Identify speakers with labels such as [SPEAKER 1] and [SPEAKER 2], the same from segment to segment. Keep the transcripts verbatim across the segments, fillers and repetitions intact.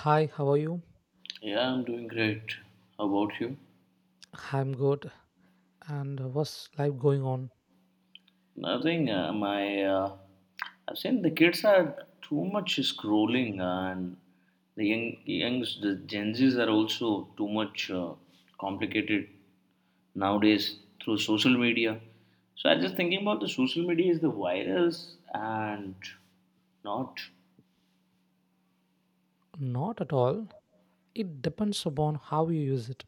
[SPEAKER 1] Hi, how are you?
[SPEAKER 2] Yeah, I'm doing great. How about you?
[SPEAKER 1] I'm good. And what's life going on?
[SPEAKER 2] Nothing. Uh, my, uh, I've seen the kids are too much scrolling, and the young, youngs, the Gen Zs are also too much uh, complicated nowadays through social media. So I'm just thinking about the social media is the virus and not
[SPEAKER 1] Not at all. It depends upon how you use it.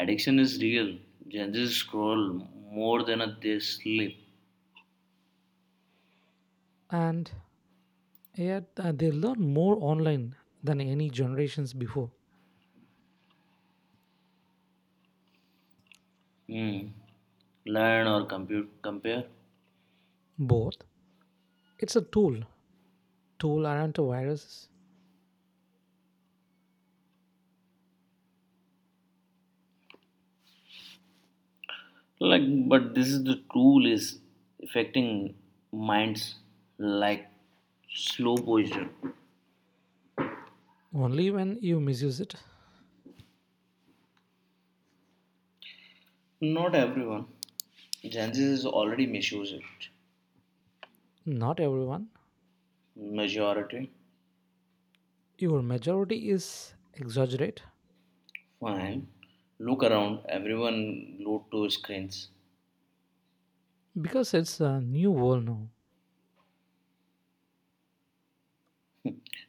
[SPEAKER 2] addiction is real. Gen Zs scroll more than they sleep.
[SPEAKER 1] And yet, uh, they learn more online than any generations before.
[SPEAKER 2] Hmm. Learn or compute, compare.
[SPEAKER 1] Both. It's a tool. Tool aren't a virus.
[SPEAKER 2] Like but this is the tool is affecting minds like slow poison
[SPEAKER 1] Only when you misuse it.
[SPEAKER 2] not everyone gen z is already misuse it
[SPEAKER 1] Not everyone.
[SPEAKER 2] majority
[SPEAKER 1] Your majority is exaggerate
[SPEAKER 2] fine look around everyone glued to screens
[SPEAKER 1] because it's a new world now.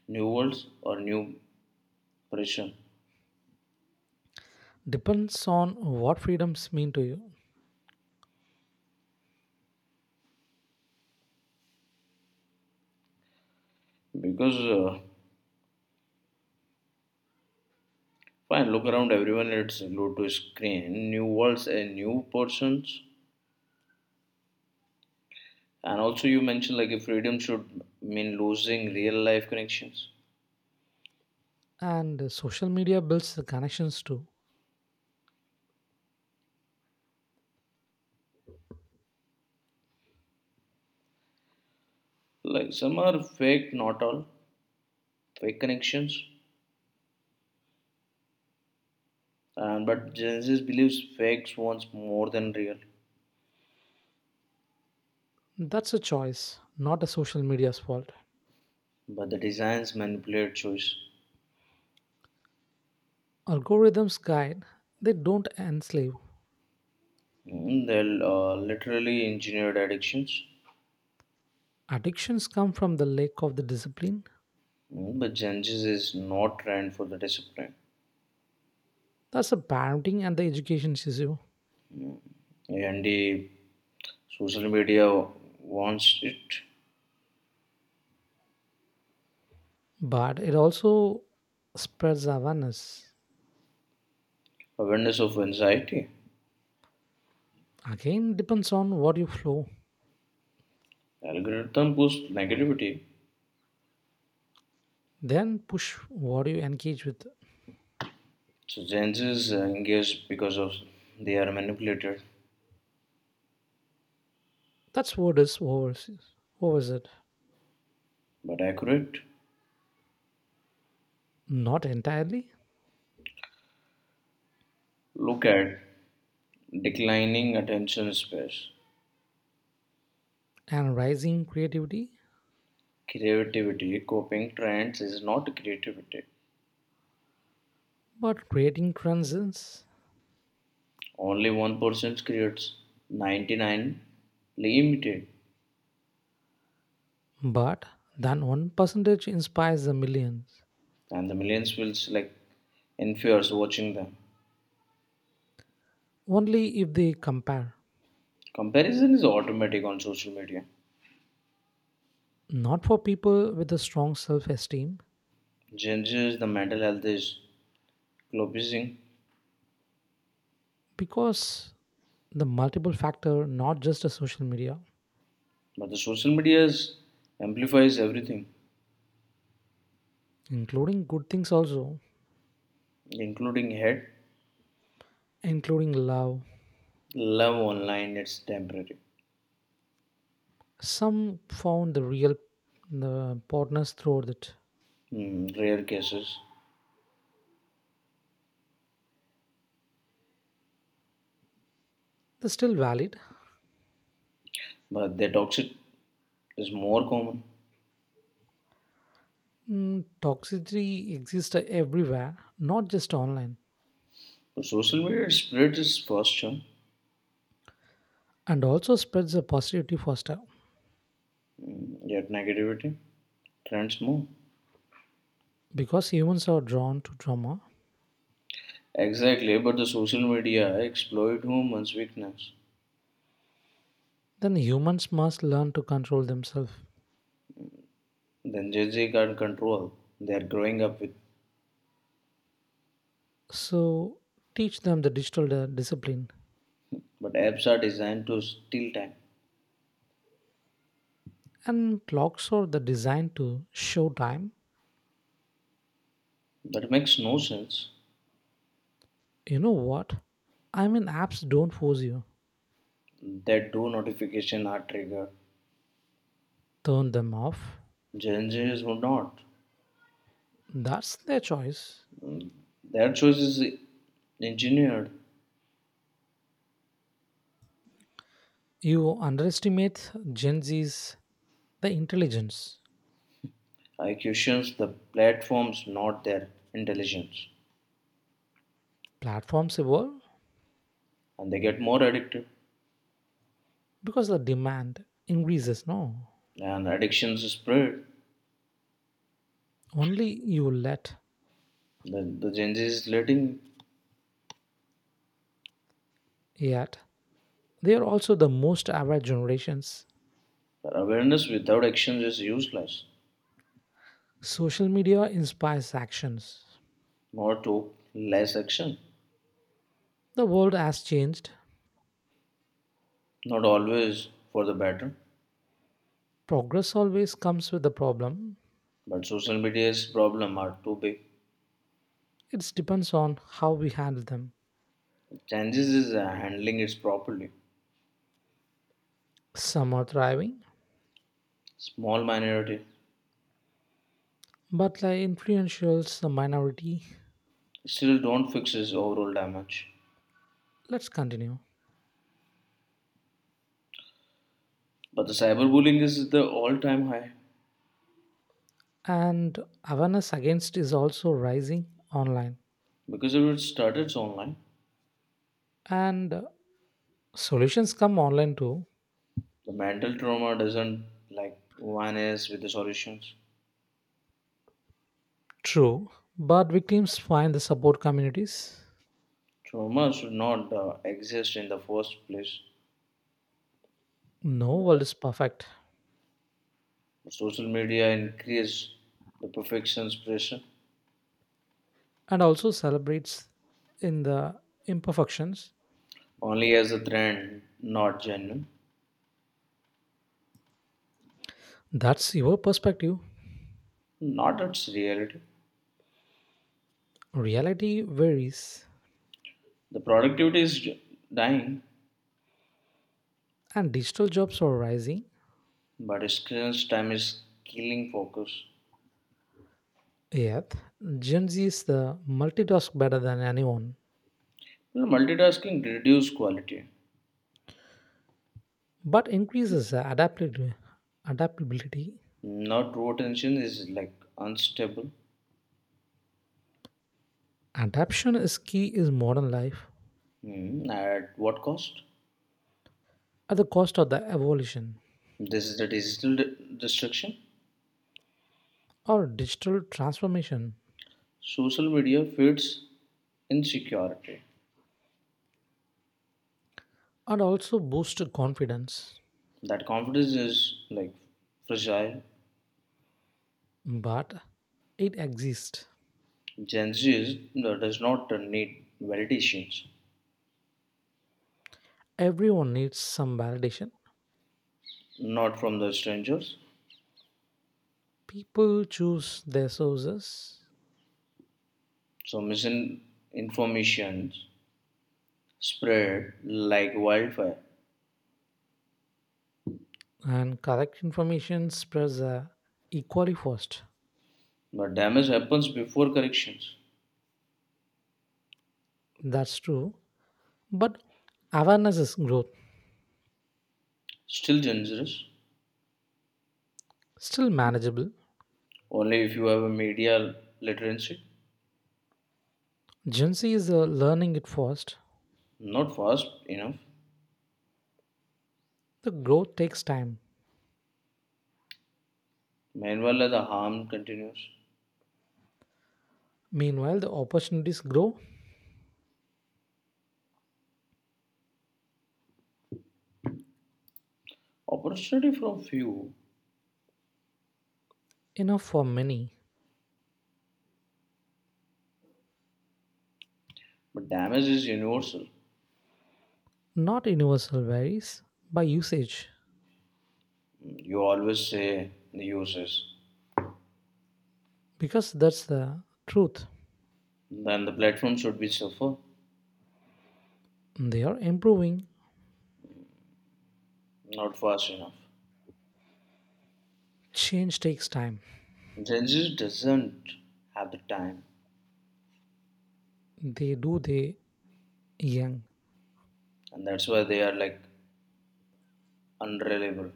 [SPEAKER 2] new worlds or new pressure
[SPEAKER 1] Depends on what freedoms mean to you.
[SPEAKER 2] because uh, fine look around everyone it's glued to screen new worlds and new persons and also you mentioned like if freedom should mean losing real life connections.
[SPEAKER 1] And social media builds the connections too.
[SPEAKER 2] Like some are fake, not all fake connections, and but Genesis believes fakes wants more than real.
[SPEAKER 1] That's a choice, not a social media's fault.
[SPEAKER 2] But the designs manipulate choice.
[SPEAKER 1] Algorithms guide, they don't enslave.
[SPEAKER 2] Mm, they uh, literally engineered addictions.
[SPEAKER 1] Addictions come from the lack of the discipline.
[SPEAKER 2] Mm, but Genesis is not trained for the discipline,
[SPEAKER 1] That's a parenting and the education issue.
[SPEAKER 2] and the social media wants it.
[SPEAKER 1] But it also spreads awareness.
[SPEAKER 2] Awareness of anxiety.
[SPEAKER 1] Again, depends on what you flow,
[SPEAKER 2] Algorithm push negativity.
[SPEAKER 1] then push what you engage with.
[SPEAKER 2] So Genesis engage because of they are manipulated,
[SPEAKER 1] That's what is overseas. Overs it.
[SPEAKER 2] but accurate.
[SPEAKER 1] Not entirely.
[SPEAKER 2] Look at declining attention space
[SPEAKER 1] And rising creativity,
[SPEAKER 2] creativity coping trends is not creativity
[SPEAKER 1] but creating transcends.
[SPEAKER 2] only one person creates ninety-nine limited
[SPEAKER 1] But then one percentage inspires the millions.
[SPEAKER 2] and the millions will like in fears watching them
[SPEAKER 1] Only if they compare,
[SPEAKER 2] comparison is automatic on social media
[SPEAKER 1] not for people with a strong self esteem,
[SPEAKER 2] changes the mental health is collapsing
[SPEAKER 1] because the multiple factor, not just the social media,
[SPEAKER 2] but the social media amplifies everything
[SPEAKER 1] including good things also,
[SPEAKER 2] including hate
[SPEAKER 1] including love,
[SPEAKER 2] love online it's temporary.
[SPEAKER 1] some found the real the partners throughout it.
[SPEAKER 2] Hmm, rare cases
[SPEAKER 1] They're still valid.
[SPEAKER 2] but the toxic is more common.
[SPEAKER 1] Mm, toxicity exists everywhere, not just online,
[SPEAKER 2] Social media spread is faster,
[SPEAKER 1] and also spreads the positivity faster.
[SPEAKER 2] mm, yet negativity trends more.
[SPEAKER 1] Because humans are drawn to drama,
[SPEAKER 2] Exactly, but the social media exploit humans' weakness.
[SPEAKER 1] then humans must learn to control themselves.
[SPEAKER 2] Then they can't control. They are growing up with,
[SPEAKER 1] So teach them the digital di- discipline.
[SPEAKER 2] but apps are designed to steal time.
[SPEAKER 1] And clocks are the design to show time.
[SPEAKER 2] That makes no sense.
[SPEAKER 1] You know what? I mean, apps don't force you.
[SPEAKER 2] That do notification are triggered.
[SPEAKER 1] Turn them off.
[SPEAKER 2] Gen Zs would not.
[SPEAKER 1] That's their choice.
[SPEAKER 2] Their choice is engineered.
[SPEAKER 1] You underestimate Gen Z's the intelligence.
[SPEAKER 2] I questions the platforms, not their intelligence,
[SPEAKER 1] Platforms evolve
[SPEAKER 2] and they get more addicted.
[SPEAKER 1] because the demand increases. No,
[SPEAKER 2] And addictions spread.
[SPEAKER 1] only you let.
[SPEAKER 2] The, the Gen Z is letting
[SPEAKER 1] Yet they are also the most aware generations.
[SPEAKER 2] awareness without action is useless.
[SPEAKER 1] Social media inspires actions.
[SPEAKER 2] More talk, less action.
[SPEAKER 1] The world has changed.
[SPEAKER 2] Not always for the better,
[SPEAKER 1] Progress always comes with a problem.
[SPEAKER 2] but social media's problem are too big.
[SPEAKER 1] It depends on how we handle them.
[SPEAKER 2] Changes is uh, handling it properly.
[SPEAKER 1] Some are thriving,
[SPEAKER 2] Small minority
[SPEAKER 1] but like influentials, the minority.
[SPEAKER 2] still don't fix its overall damage.
[SPEAKER 1] Let's continue.
[SPEAKER 2] But the cyberbullying is the all-time high
[SPEAKER 1] And awareness against is also rising online.
[SPEAKER 2] because if it started online,
[SPEAKER 1] And solutions come online too.
[SPEAKER 2] the mental trauma doesn't like vanish with the solutions.
[SPEAKER 1] True, but victims find the support communities.
[SPEAKER 2] Trauma should not uh, exist in the first place.
[SPEAKER 1] No world is perfect,
[SPEAKER 2] Social media increase the perfection's pressure
[SPEAKER 1] and also celebrates in the imperfections.
[SPEAKER 2] only as a trend, not genuine,
[SPEAKER 1] That's your perspective.
[SPEAKER 2] not its reality.
[SPEAKER 1] Reality varies.
[SPEAKER 2] The productivity is dying,
[SPEAKER 1] And digital jobs are rising.
[SPEAKER 2] but screens time is killing focus.
[SPEAKER 1] Yet, Gen Z is the multitask better than anyone,
[SPEAKER 2] You know, multitasking reduce quality.
[SPEAKER 1] but increases the adaptability. Adaptability.
[SPEAKER 2] Not true attention is like unstable.
[SPEAKER 1] Adaption is key in modern life
[SPEAKER 2] Hmm, at what cost?
[SPEAKER 1] at the cost of the evolution
[SPEAKER 2] This is the digital de- destruction.
[SPEAKER 1] or digital transformation
[SPEAKER 2] Social media feeds insecurity.
[SPEAKER 1] and also boost confidence.
[SPEAKER 2] That confidence is like fragile.
[SPEAKER 1] But it exists.
[SPEAKER 2] Gen Z is, uh, does not uh, need validations,
[SPEAKER 1] Everyone needs some validation.
[SPEAKER 2] not from the strangers.
[SPEAKER 1] People choose their sources
[SPEAKER 2] So misinformation spread like wildfire.
[SPEAKER 1] and correct information spreads uh, equally fast.
[SPEAKER 2] But damage happens before corrections.
[SPEAKER 1] That's true. But awareness is growth,
[SPEAKER 2] Still dangerous.
[SPEAKER 1] still manageable.
[SPEAKER 2] Only if you have a media literacy.
[SPEAKER 1] Gen Z is uh, learning it first.
[SPEAKER 2] Not fast enough.
[SPEAKER 1] The growth takes time.
[SPEAKER 2] Meanwhile, the harm continues.
[SPEAKER 1] Meanwhile, the opportunities grow
[SPEAKER 2] Opportunity from few,
[SPEAKER 1] enough for many.
[SPEAKER 2] but damage is universal.
[SPEAKER 1] Not universal varies by usage
[SPEAKER 2] You always say the users.
[SPEAKER 1] because that's the truth.
[SPEAKER 2] Then the platform should be suffer,
[SPEAKER 1] They are improving.
[SPEAKER 2] not fast enough.
[SPEAKER 1] Change takes time.
[SPEAKER 2] Gen Z doesn't have the time,
[SPEAKER 1] They do they young
[SPEAKER 2] and that's why they are like unreliable,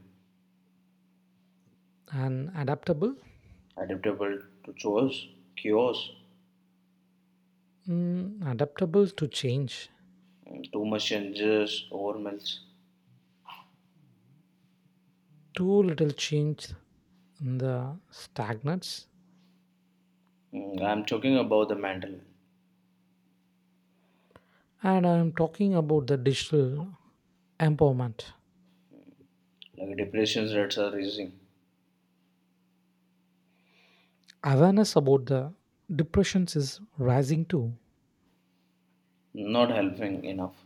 [SPEAKER 1] and adaptable.
[SPEAKER 2] adaptable to chores, cures,
[SPEAKER 1] Mm, adaptable to change.
[SPEAKER 2] and too much changes, overwhelms.
[SPEAKER 1] Too little change in the stagnates.
[SPEAKER 2] Mm, I'm talking about the mental, health,
[SPEAKER 1] And I'm talking about the digital empowerment.
[SPEAKER 2] like depression rates are rising,
[SPEAKER 1] Awareness about the depressions is rising too,
[SPEAKER 2] not helping enough.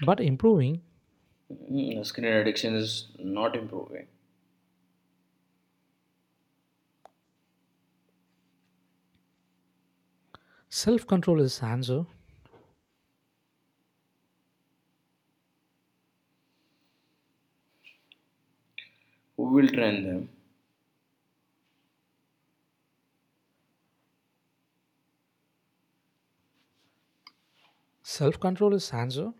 [SPEAKER 1] but improving.
[SPEAKER 2] Mm, screen addiction is not improving.
[SPEAKER 1] Self control is answer.
[SPEAKER 2] Who will train them?
[SPEAKER 1] Self control is answer.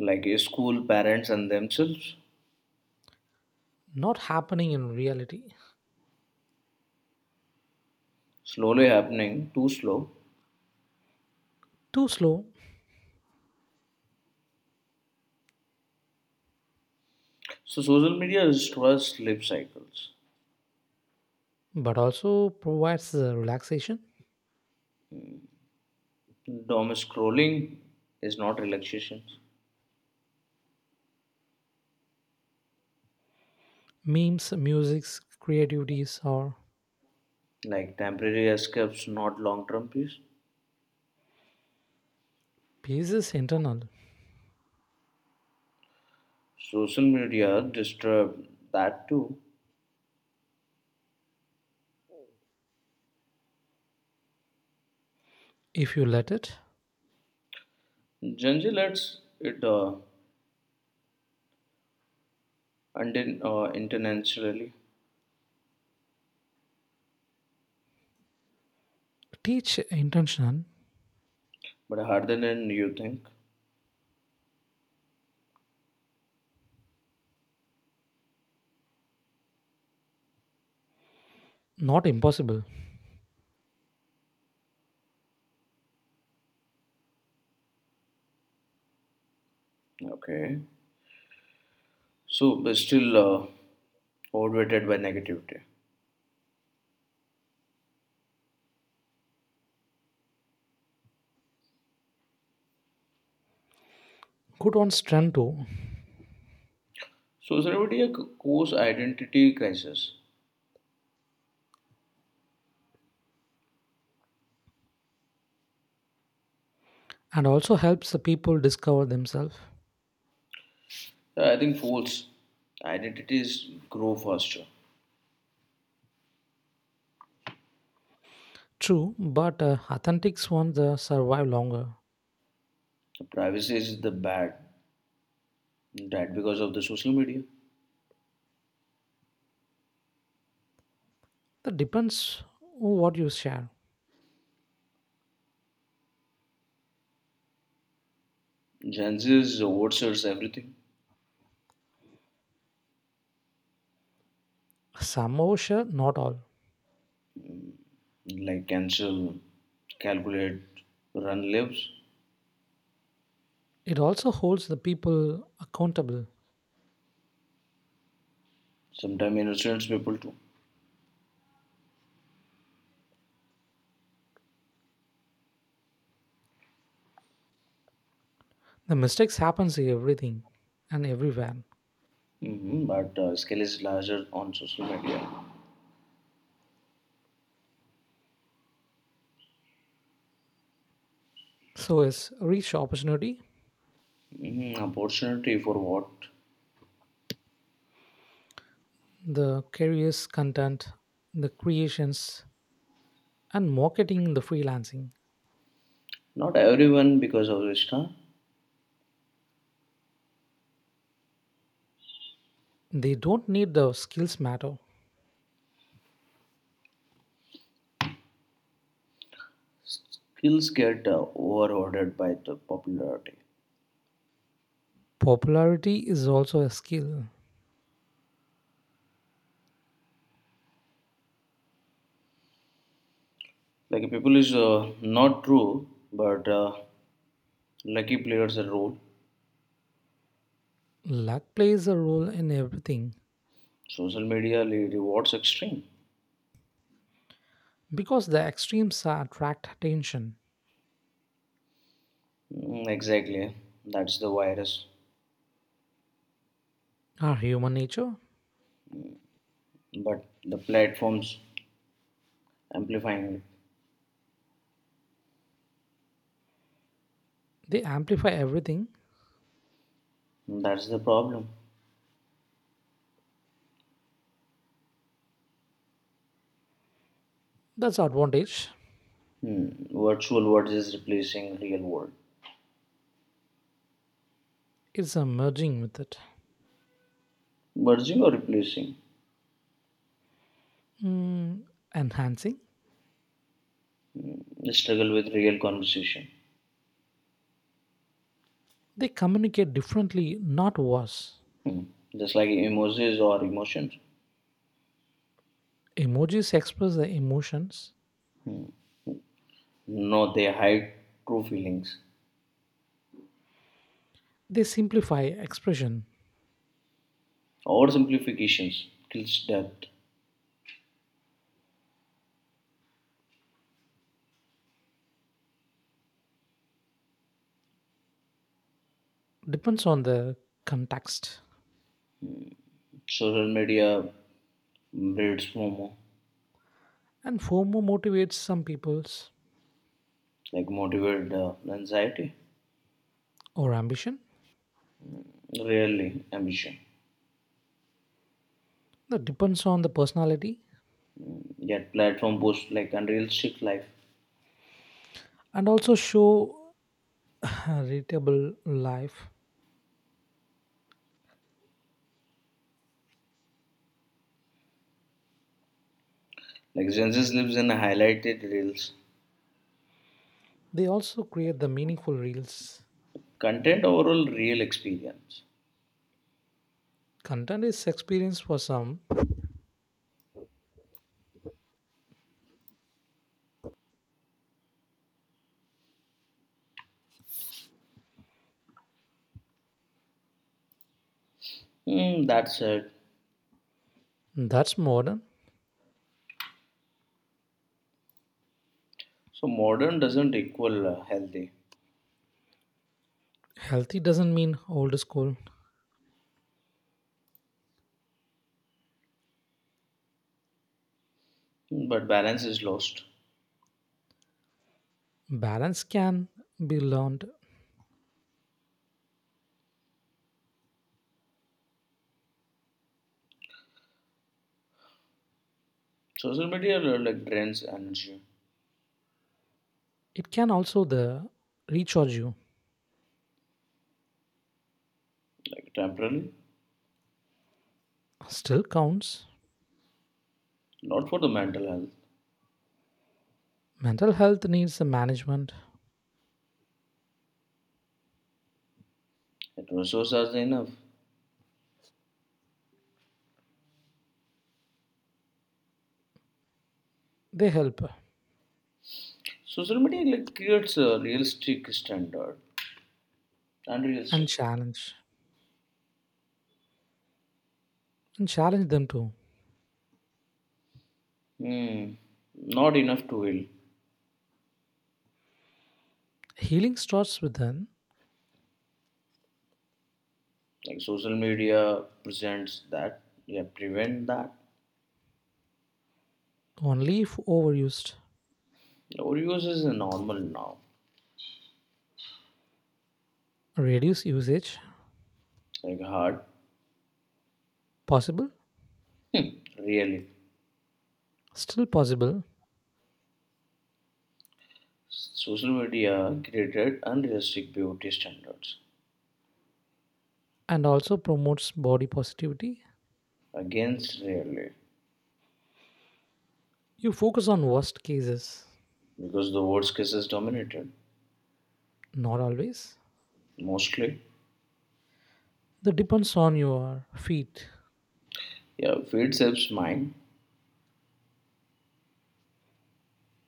[SPEAKER 2] Like a school, parents, and themselves.
[SPEAKER 1] Not happening in reality.
[SPEAKER 2] Slowly happening, too slow.
[SPEAKER 1] Too slow,
[SPEAKER 2] So social media destroys sleep cycles.
[SPEAKER 1] but also provides the relaxation.
[SPEAKER 2] Dom scrolling is not relaxation,
[SPEAKER 1] Memes, musics, creativities, or
[SPEAKER 2] like temporary escapes, not long term peace.
[SPEAKER 1] peace is internal.
[SPEAKER 2] Social media disturb that too.
[SPEAKER 1] If you let it,
[SPEAKER 2] Gen Z lets it uh, unden- uh, intentionally,
[SPEAKER 1] teach intention,
[SPEAKER 2] but harder than you think.
[SPEAKER 1] not impossible.
[SPEAKER 2] Okay, so but still uh, overweighted by negativity.
[SPEAKER 1] Good on strength too,
[SPEAKER 2] Social media c- cause identity crisis.
[SPEAKER 1] and also helps the people discover themselves.
[SPEAKER 2] So, I think false identities grow faster.
[SPEAKER 1] True, but uh, authentics ones uh, survive longer.
[SPEAKER 2] The privacy is the bad that because of the social media.
[SPEAKER 1] That depends on what you share.
[SPEAKER 2] Gen Zs oversearch everything,
[SPEAKER 1] Some overshare, not all.
[SPEAKER 2] like cancel, calculate, run lives,
[SPEAKER 1] It also holds the people accountable.
[SPEAKER 2] sometimes innocent people too.
[SPEAKER 1] The mistakes happens in everything and everywhere.
[SPEAKER 2] Hmm, but uh, scale is larger on social media.
[SPEAKER 1] So is reach opportunity,
[SPEAKER 2] Hmm, opportunity for what?
[SPEAKER 1] the careers content, the creations, and marketing the freelancing.
[SPEAKER 2] Not everyone because of Vista.
[SPEAKER 1] They don't need the skills matter.
[SPEAKER 2] Skills get uh, overloaded by the popularity.
[SPEAKER 1] Popularity is also a skill.
[SPEAKER 2] Like people is uh, not true, but uh, lucky players a role.
[SPEAKER 1] Luck plays a role in everything
[SPEAKER 2] Social media le- rewards extreme.
[SPEAKER 1] because the extremes are attract attention.
[SPEAKER 2] Mm, exactly, that's the virus.
[SPEAKER 1] Our human nature,
[SPEAKER 2] But the platforms amplifying it.
[SPEAKER 1] they amplify everything.
[SPEAKER 2] That's the problem.
[SPEAKER 1] That's advantage.
[SPEAKER 2] Hmm. Virtual words is replacing real word.
[SPEAKER 1] It's a merging with it.
[SPEAKER 2] Merging or replacing?
[SPEAKER 1] Mm, enhancing.
[SPEAKER 2] The struggle with real conversation.
[SPEAKER 1] They communicate differently, not worse.
[SPEAKER 2] Hmm. Just like emojis or emotions.
[SPEAKER 1] Emojis express their emotions.
[SPEAKER 2] No, they hide true feelings.
[SPEAKER 1] They simplify expression.
[SPEAKER 2] Or simplifications kills depth.
[SPEAKER 1] Depends on the context.
[SPEAKER 2] Social media breeds FOMO,
[SPEAKER 1] And FOMO motivates some people's
[SPEAKER 2] like motivated uh, anxiety,
[SPEAKER 1] or ambition.
[SPEAKER 2] rarely ambition.
[SPEAKER 1] That depends on the personality.
[SPEAKER 2] Yet platform posts like unrealistic life.
[SPEAKER 1] And also show a readable life.
[SPEAKER 2] Like Gen Z lives in highlighted reels.
[SPEAKER 1] They also create the meaningful reels.
[SPEAKER 2] Content overall real experience.
[SPEAKER 1] Content is experience for some.
[SPEAKER 2] Hmm, that's it.
[SPEAKER 1] That's modern.
[SPEAKER 2] So modern doesn't equal uh, healthy,
[SPEAKER 1] Healthy doesn't mean old school.
[SPEAKER 2] hmm, but balance is lost.
[SPEAKER 1] Balance can be learned,
[SPEAKER 2] Social media uh, like drains energy,
[SPEAKER 1] it can also the recharge you,
[SPEAKER 2] like temporarily,
[SPEAKER 1] still counts.
[SPEAKER 2] not for the mental health.
[SPEAKER 1] Mental health needs the management,
[SPEAKER 2] It resources are enough.
[SPEAKER 1] they help
[SPEAKER 2] Social media like creates a realistic standard,
[SPEAKER 1] and
[SPEAKER 2] unrealistic.
[SPEAKER 1] challenge and challenge them too.
[SPEAKER 2] Hmm, not enough to heal.
[SPEAKER 1] Healing starts within
[SPEAKER 2] Like social media presents that, yeah, prevent that.
[SPEAKER 1] only if overused,
[SPEAKER 2] Overuse is normal now,
[SPEAKER 1] reduce usage,
[SPEAKER 2] like hard,
[SPEAKER 1] possible,
[SPEAKER 2] hmm, really.
[SPEAKER 1] still possible,
[SPEAKER 2] Social media created unrealistic beauty standards
[SPEAKER 1] and also promotes body positivity.
[SPEAKER 2] against really
[SPEAKER 1] You focus on worst cases,
[SPEAKER 2] because the worst cases dominated
[SPEAKER 1] not always.
[SPEAKER 2] mostly.
[SPEAKER 1] That depends on your feet,
[SPEAKER 2] Yeah, feed shapes mind,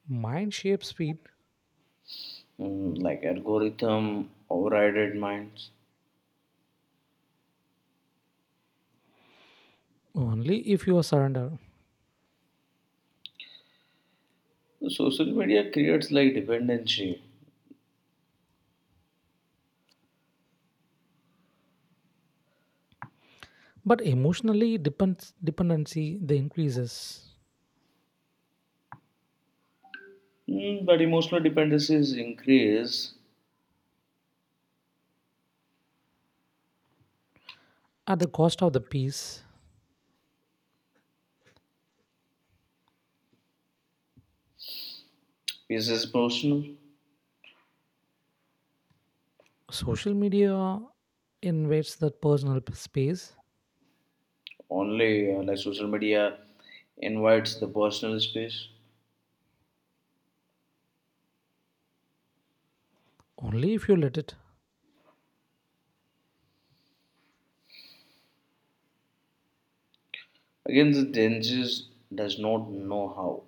[SPEAKER 1] mind shapes feet
[SPEAKER 2] mm, like algorithm overrided minds.
[SPEAKER 1] only if you surrender.
[SPEAKER 2] The social media creates like dependency,
[SPEAKER 1] But emotionally depends dependency the increases
[SPEAKER 2] mm, but emotional dependencies increase.
[SPEAKER 1] at the cost of the peace.
[SPEAKER 2] Peace is personal.
[SPEAKER 1] Social media invades that personal p- space
[SPEAKER 2] Only uh, like social media invites the personal space.
[SPEAKER 1] only if you let it.
[SPEAKER 2] Again, the dangers does not know how,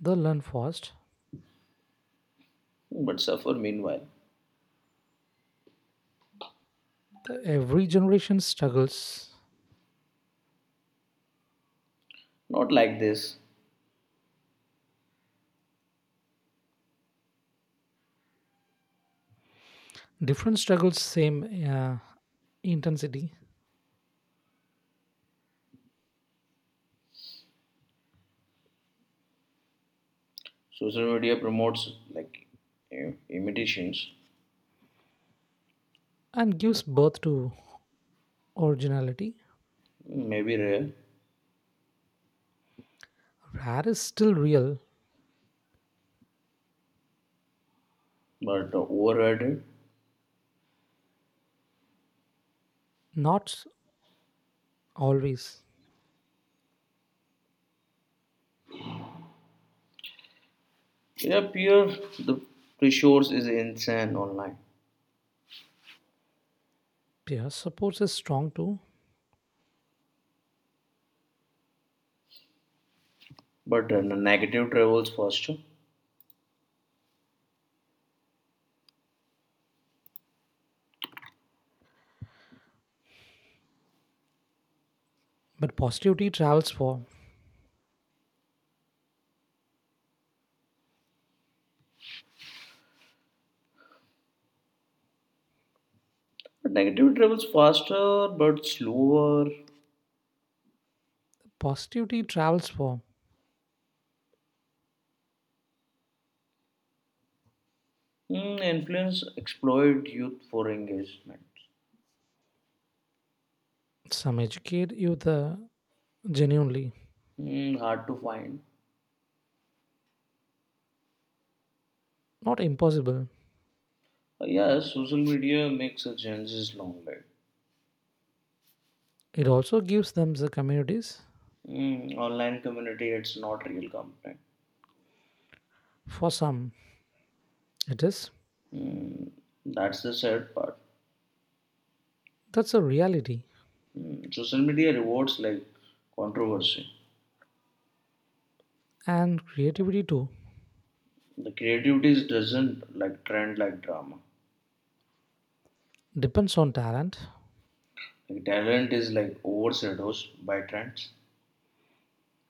[SPEAKER 1] The learn fast.
[SPEAKER 2] but suffer meanwhile.
[SPEAKER 1] The, every generation struggles,
[SPEAKER 2] Not like this.
[SPEAKER 1] different struggles, same uh, intensity,
[SPEAKER 2] Social media promotes like im- imitations,
[SPEAKER 1] and gives birth to originality.
[SPEAKER 2] maybe rare,
[SPEAKER 1] Rare is still real,
[SPEAKER 2] but overrated.
[SPEAKER 1] not always.
[SPEAKER 2] Yeah, peer the pressures is insane online,
[SPEAKER 1] Peer support is strong too,
[SPEAKER 2] but uh, negative travels faster.
[SPEAKER 1] but positivity travels for.
[SPEAKER 2] But negative travels faster, but slower.
[SPEAKER 1] Positivity travels for.
[SPEAKER 2] Hmm, influence exploit youth for engagement.
[SPEAKER 1] Some educate youth the genuinely,
[SPEAKER 2] Hmm, hard to find.
[SPEAKER 1] not impossible.
[SPEAKER 2] Uh, yes, social media makes a Gen Z's long life.
[SPEAKER 1] It also gives them the communities.
[SPEAKER 2] Mm, online community, it's not real company.
[SPEAKER 1] For some, it is.
[SPEAKER 2] Mm, that's the sad part.
[SPEAKER 1] That's a reality.
[SPEAKER 2] Mm, social media rewards like controversy.
[SPEAKER 1] And creativity too
[SPEAKER 2] The creativity is doesn't like trend like drama.
[SPEAKER 1] depends on talent.
[SPEAKER 2] Like talent is like overshadows by trends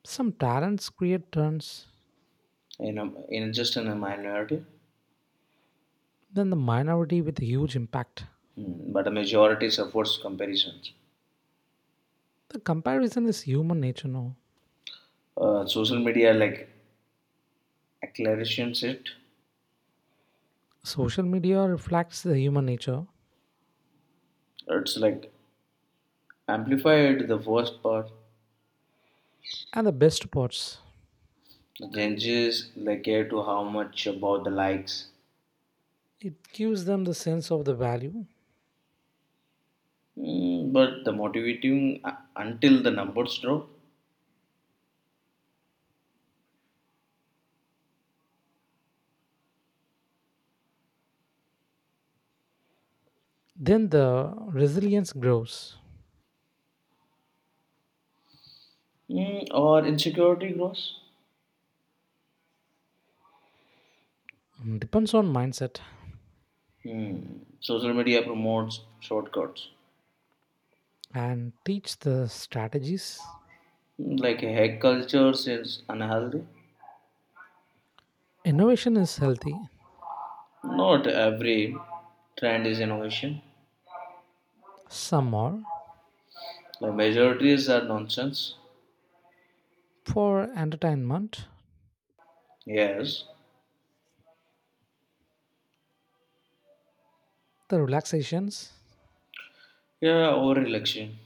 [SPEAKER 1] Some talents create turns,
[SPEAKER 2] in a, in just in a minority,
[SPEAKER 1] then the minority with huge impact.
[SPEAKER 2] mm, but a majority suffers comparisons.
[SPEAKER 1] The comparison is human nature now.
[SPEAKER 2] Uh, social media like accelerations it.
[SPEAKER 1] Social media reflects the human nature
[SPEAKER 2] It's like amplified the worst part.
[SPEAKER 1] and the best parts.
[SPEAKER 2] The changes like care to how much about the likes
[SPEAKER 1] It gives them the sense of the value.
[SPEAKER 2] mm, but the motivating uh, until the numbers drop
[SPEAKER 1] Then the resilience grows.
[SPEAKER 2] mm, or insecurity grows.
[SPEAKER 1] Depends on mindset.
[SPEAKER 2] Mm, social media promotes shortcuts
[SPEAKER 1] And teach the strategies.
[SPEAKER 2] mm, like a hack culture is unhealthy.
[SPEAKER 1] Innovation is healthy.
[SPEAKER 2] Not every trend is innovation.
[SPEAKER 1] Some are
[SPEAKER 2] The majorities are nonsense.
[SPEAKER 1] for entertainment,
[SPEAKER 2] Yes.
[SPEAKER 1] the relaxations
[SPEAKER 2] Yeah, over election.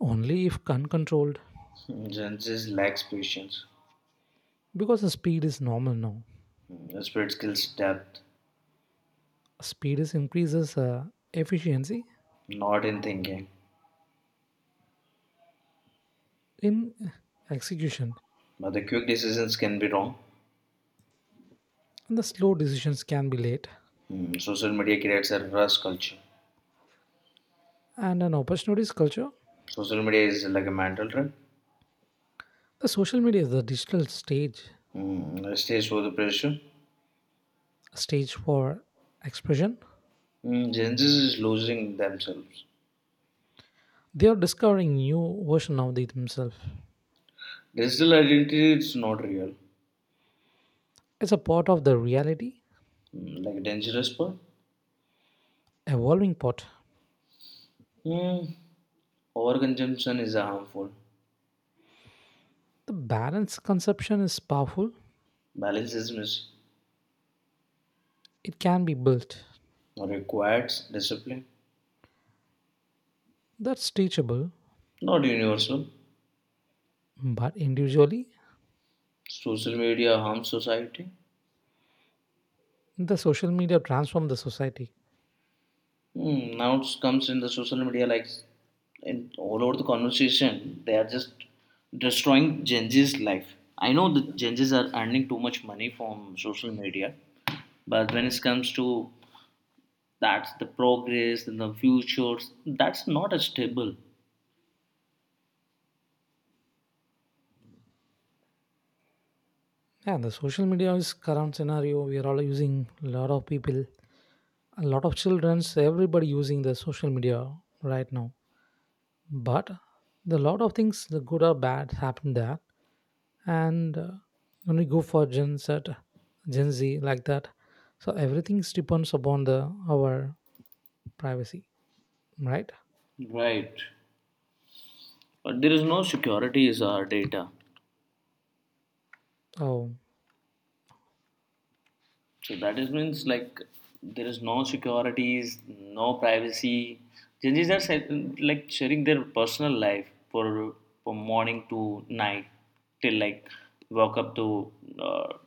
[SPEAKER 1] only if uncontrolled
[SPEAKER 2] Mm, Gen Z lacks patience.
[SPEAKER 1] because the speed is normal now.
[SPEAKER 2] Mm, spirit skills depth,
[SPEAKER 1] Speed is increases uh, efficiency
[SPEAKER 2] not in thinking.
[SPEAKER 1] in execution,
[SPEAKER 2] But the quick decisions can be wrong.
[SPEAKER 1] and the slow decisions can be late.
[SPEAKER 2] Mm, social media creates a rush culture.
[SPEAKER 1] And an opportunities culture,
[SPEAKER 2] Social media is like a mental trap.
[SPEAKER 1] the social media is the digital stage
[SPEAKER 2] Mm, stays for the pressure.
[SPEAKER 1] stage for expression.
[SPEAKER 2] Mm, Gen Z is losing themselves.
[SPEAKER 1] They are discovering new version of themselves.
[SPEAKER 2] Digital identity is not real.
[SPEAKER 1] It's a part of the reality
[SPEAKER 2] Mm, like a dangerous part.
[SPEAKER 1] evolving pot.
[SPEAKER 2] Mm, overconsumption is harmful.
[SPEAKER 1] The balanced conception is powerful.
[SPEAKER 2] Balance is missing.
[SPEAKER 1] It can be built.
[SPEAKER 2] Requires discipline.
[SPEAKER 1] That's teachable.
[SPEAKER 2] Not universal.
[SPEAKER 1] But individually,
[SPEAKER 2] Social media harms society.
[SPEAKER 1] the social media transformed the society.
[SPEAKER 2] Mm, now it comes in the social media, like in all over the conversation, they are just destroying Gen Z's life. I know the Gen Z's are earning too much money from social media, but when it comes to that's the progress and the futures, that's not as stable.
[SPEAKER 1] Yeah, the social media is current scenario. We are all using a lot of people, a lot of childrens, everybody using the social media right now. But the lot of things, the good or bad, happen there. And uh, when we go for Gen Z, Gen Z like that, so everything depends upon the our privacy, right?
[SPEAKER 2] Right. But there is no security is our data.
[SPEAKER 1] Oh,
[SPEAKER 2] So that is means like there is no securities, no privacy. Gen Zs are set- like sharing their personal life for from morning to night till like wake up to uh,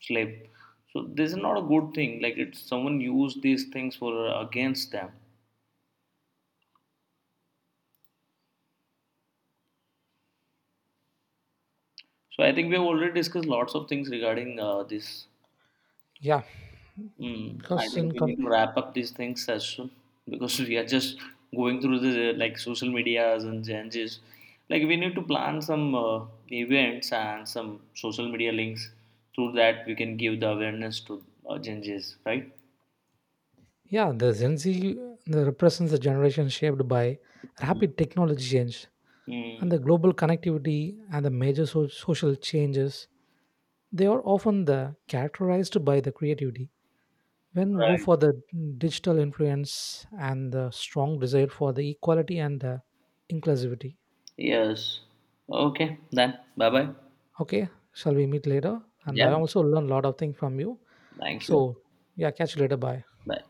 [SPEAKER 2] sleep. So this is not a good thing. Like it's someone used these things for against them. So I think we have already discussed lots of things regarding uh, this.
[SPEAKER 1] yeah,
[SPEAKER 2] Mm, I
[SPEAKER 1] because
[SPEAKER 2] think
[SPEAKER 1] in
[SPEAKER 2] we
[SPEAKER 1] com-
[SPEAKER 2] need to wrap up these things as soon because we are just going through the uh, like social medias and changes. Like we need to plan some uh, events and some social media links through that we can give the awareness to uh, changes, right?
[SPEAKER 1] yeah, the Gen Z the represents a generation shaped by
[SPEAKER 2] Mm,
[SPEAKER 1] rapid technology change and
[SPEAKER 2] mm,
[SPEAKER 1] the global connectivity and the major so- social changes. They are often the characterized by the creativity. When we go
[SPEAKER 2] right.
[SPEAKER 1] for the digital influence and the strong desire for the equality and the inclusivity.
[SPEAKER 2] Yes. Okay. Then. Bye bye.
[SPEAKER 1] Okay, shall we meet later? And I
[SPEAKER 2] Yes.
[SPEAKER 1] also learned a lot of things from you.
[SPEAKER 2] Thank you.
[SPEAKER 1] So yeah, catch you later. Bye.
[SPEAKER 2] Bye.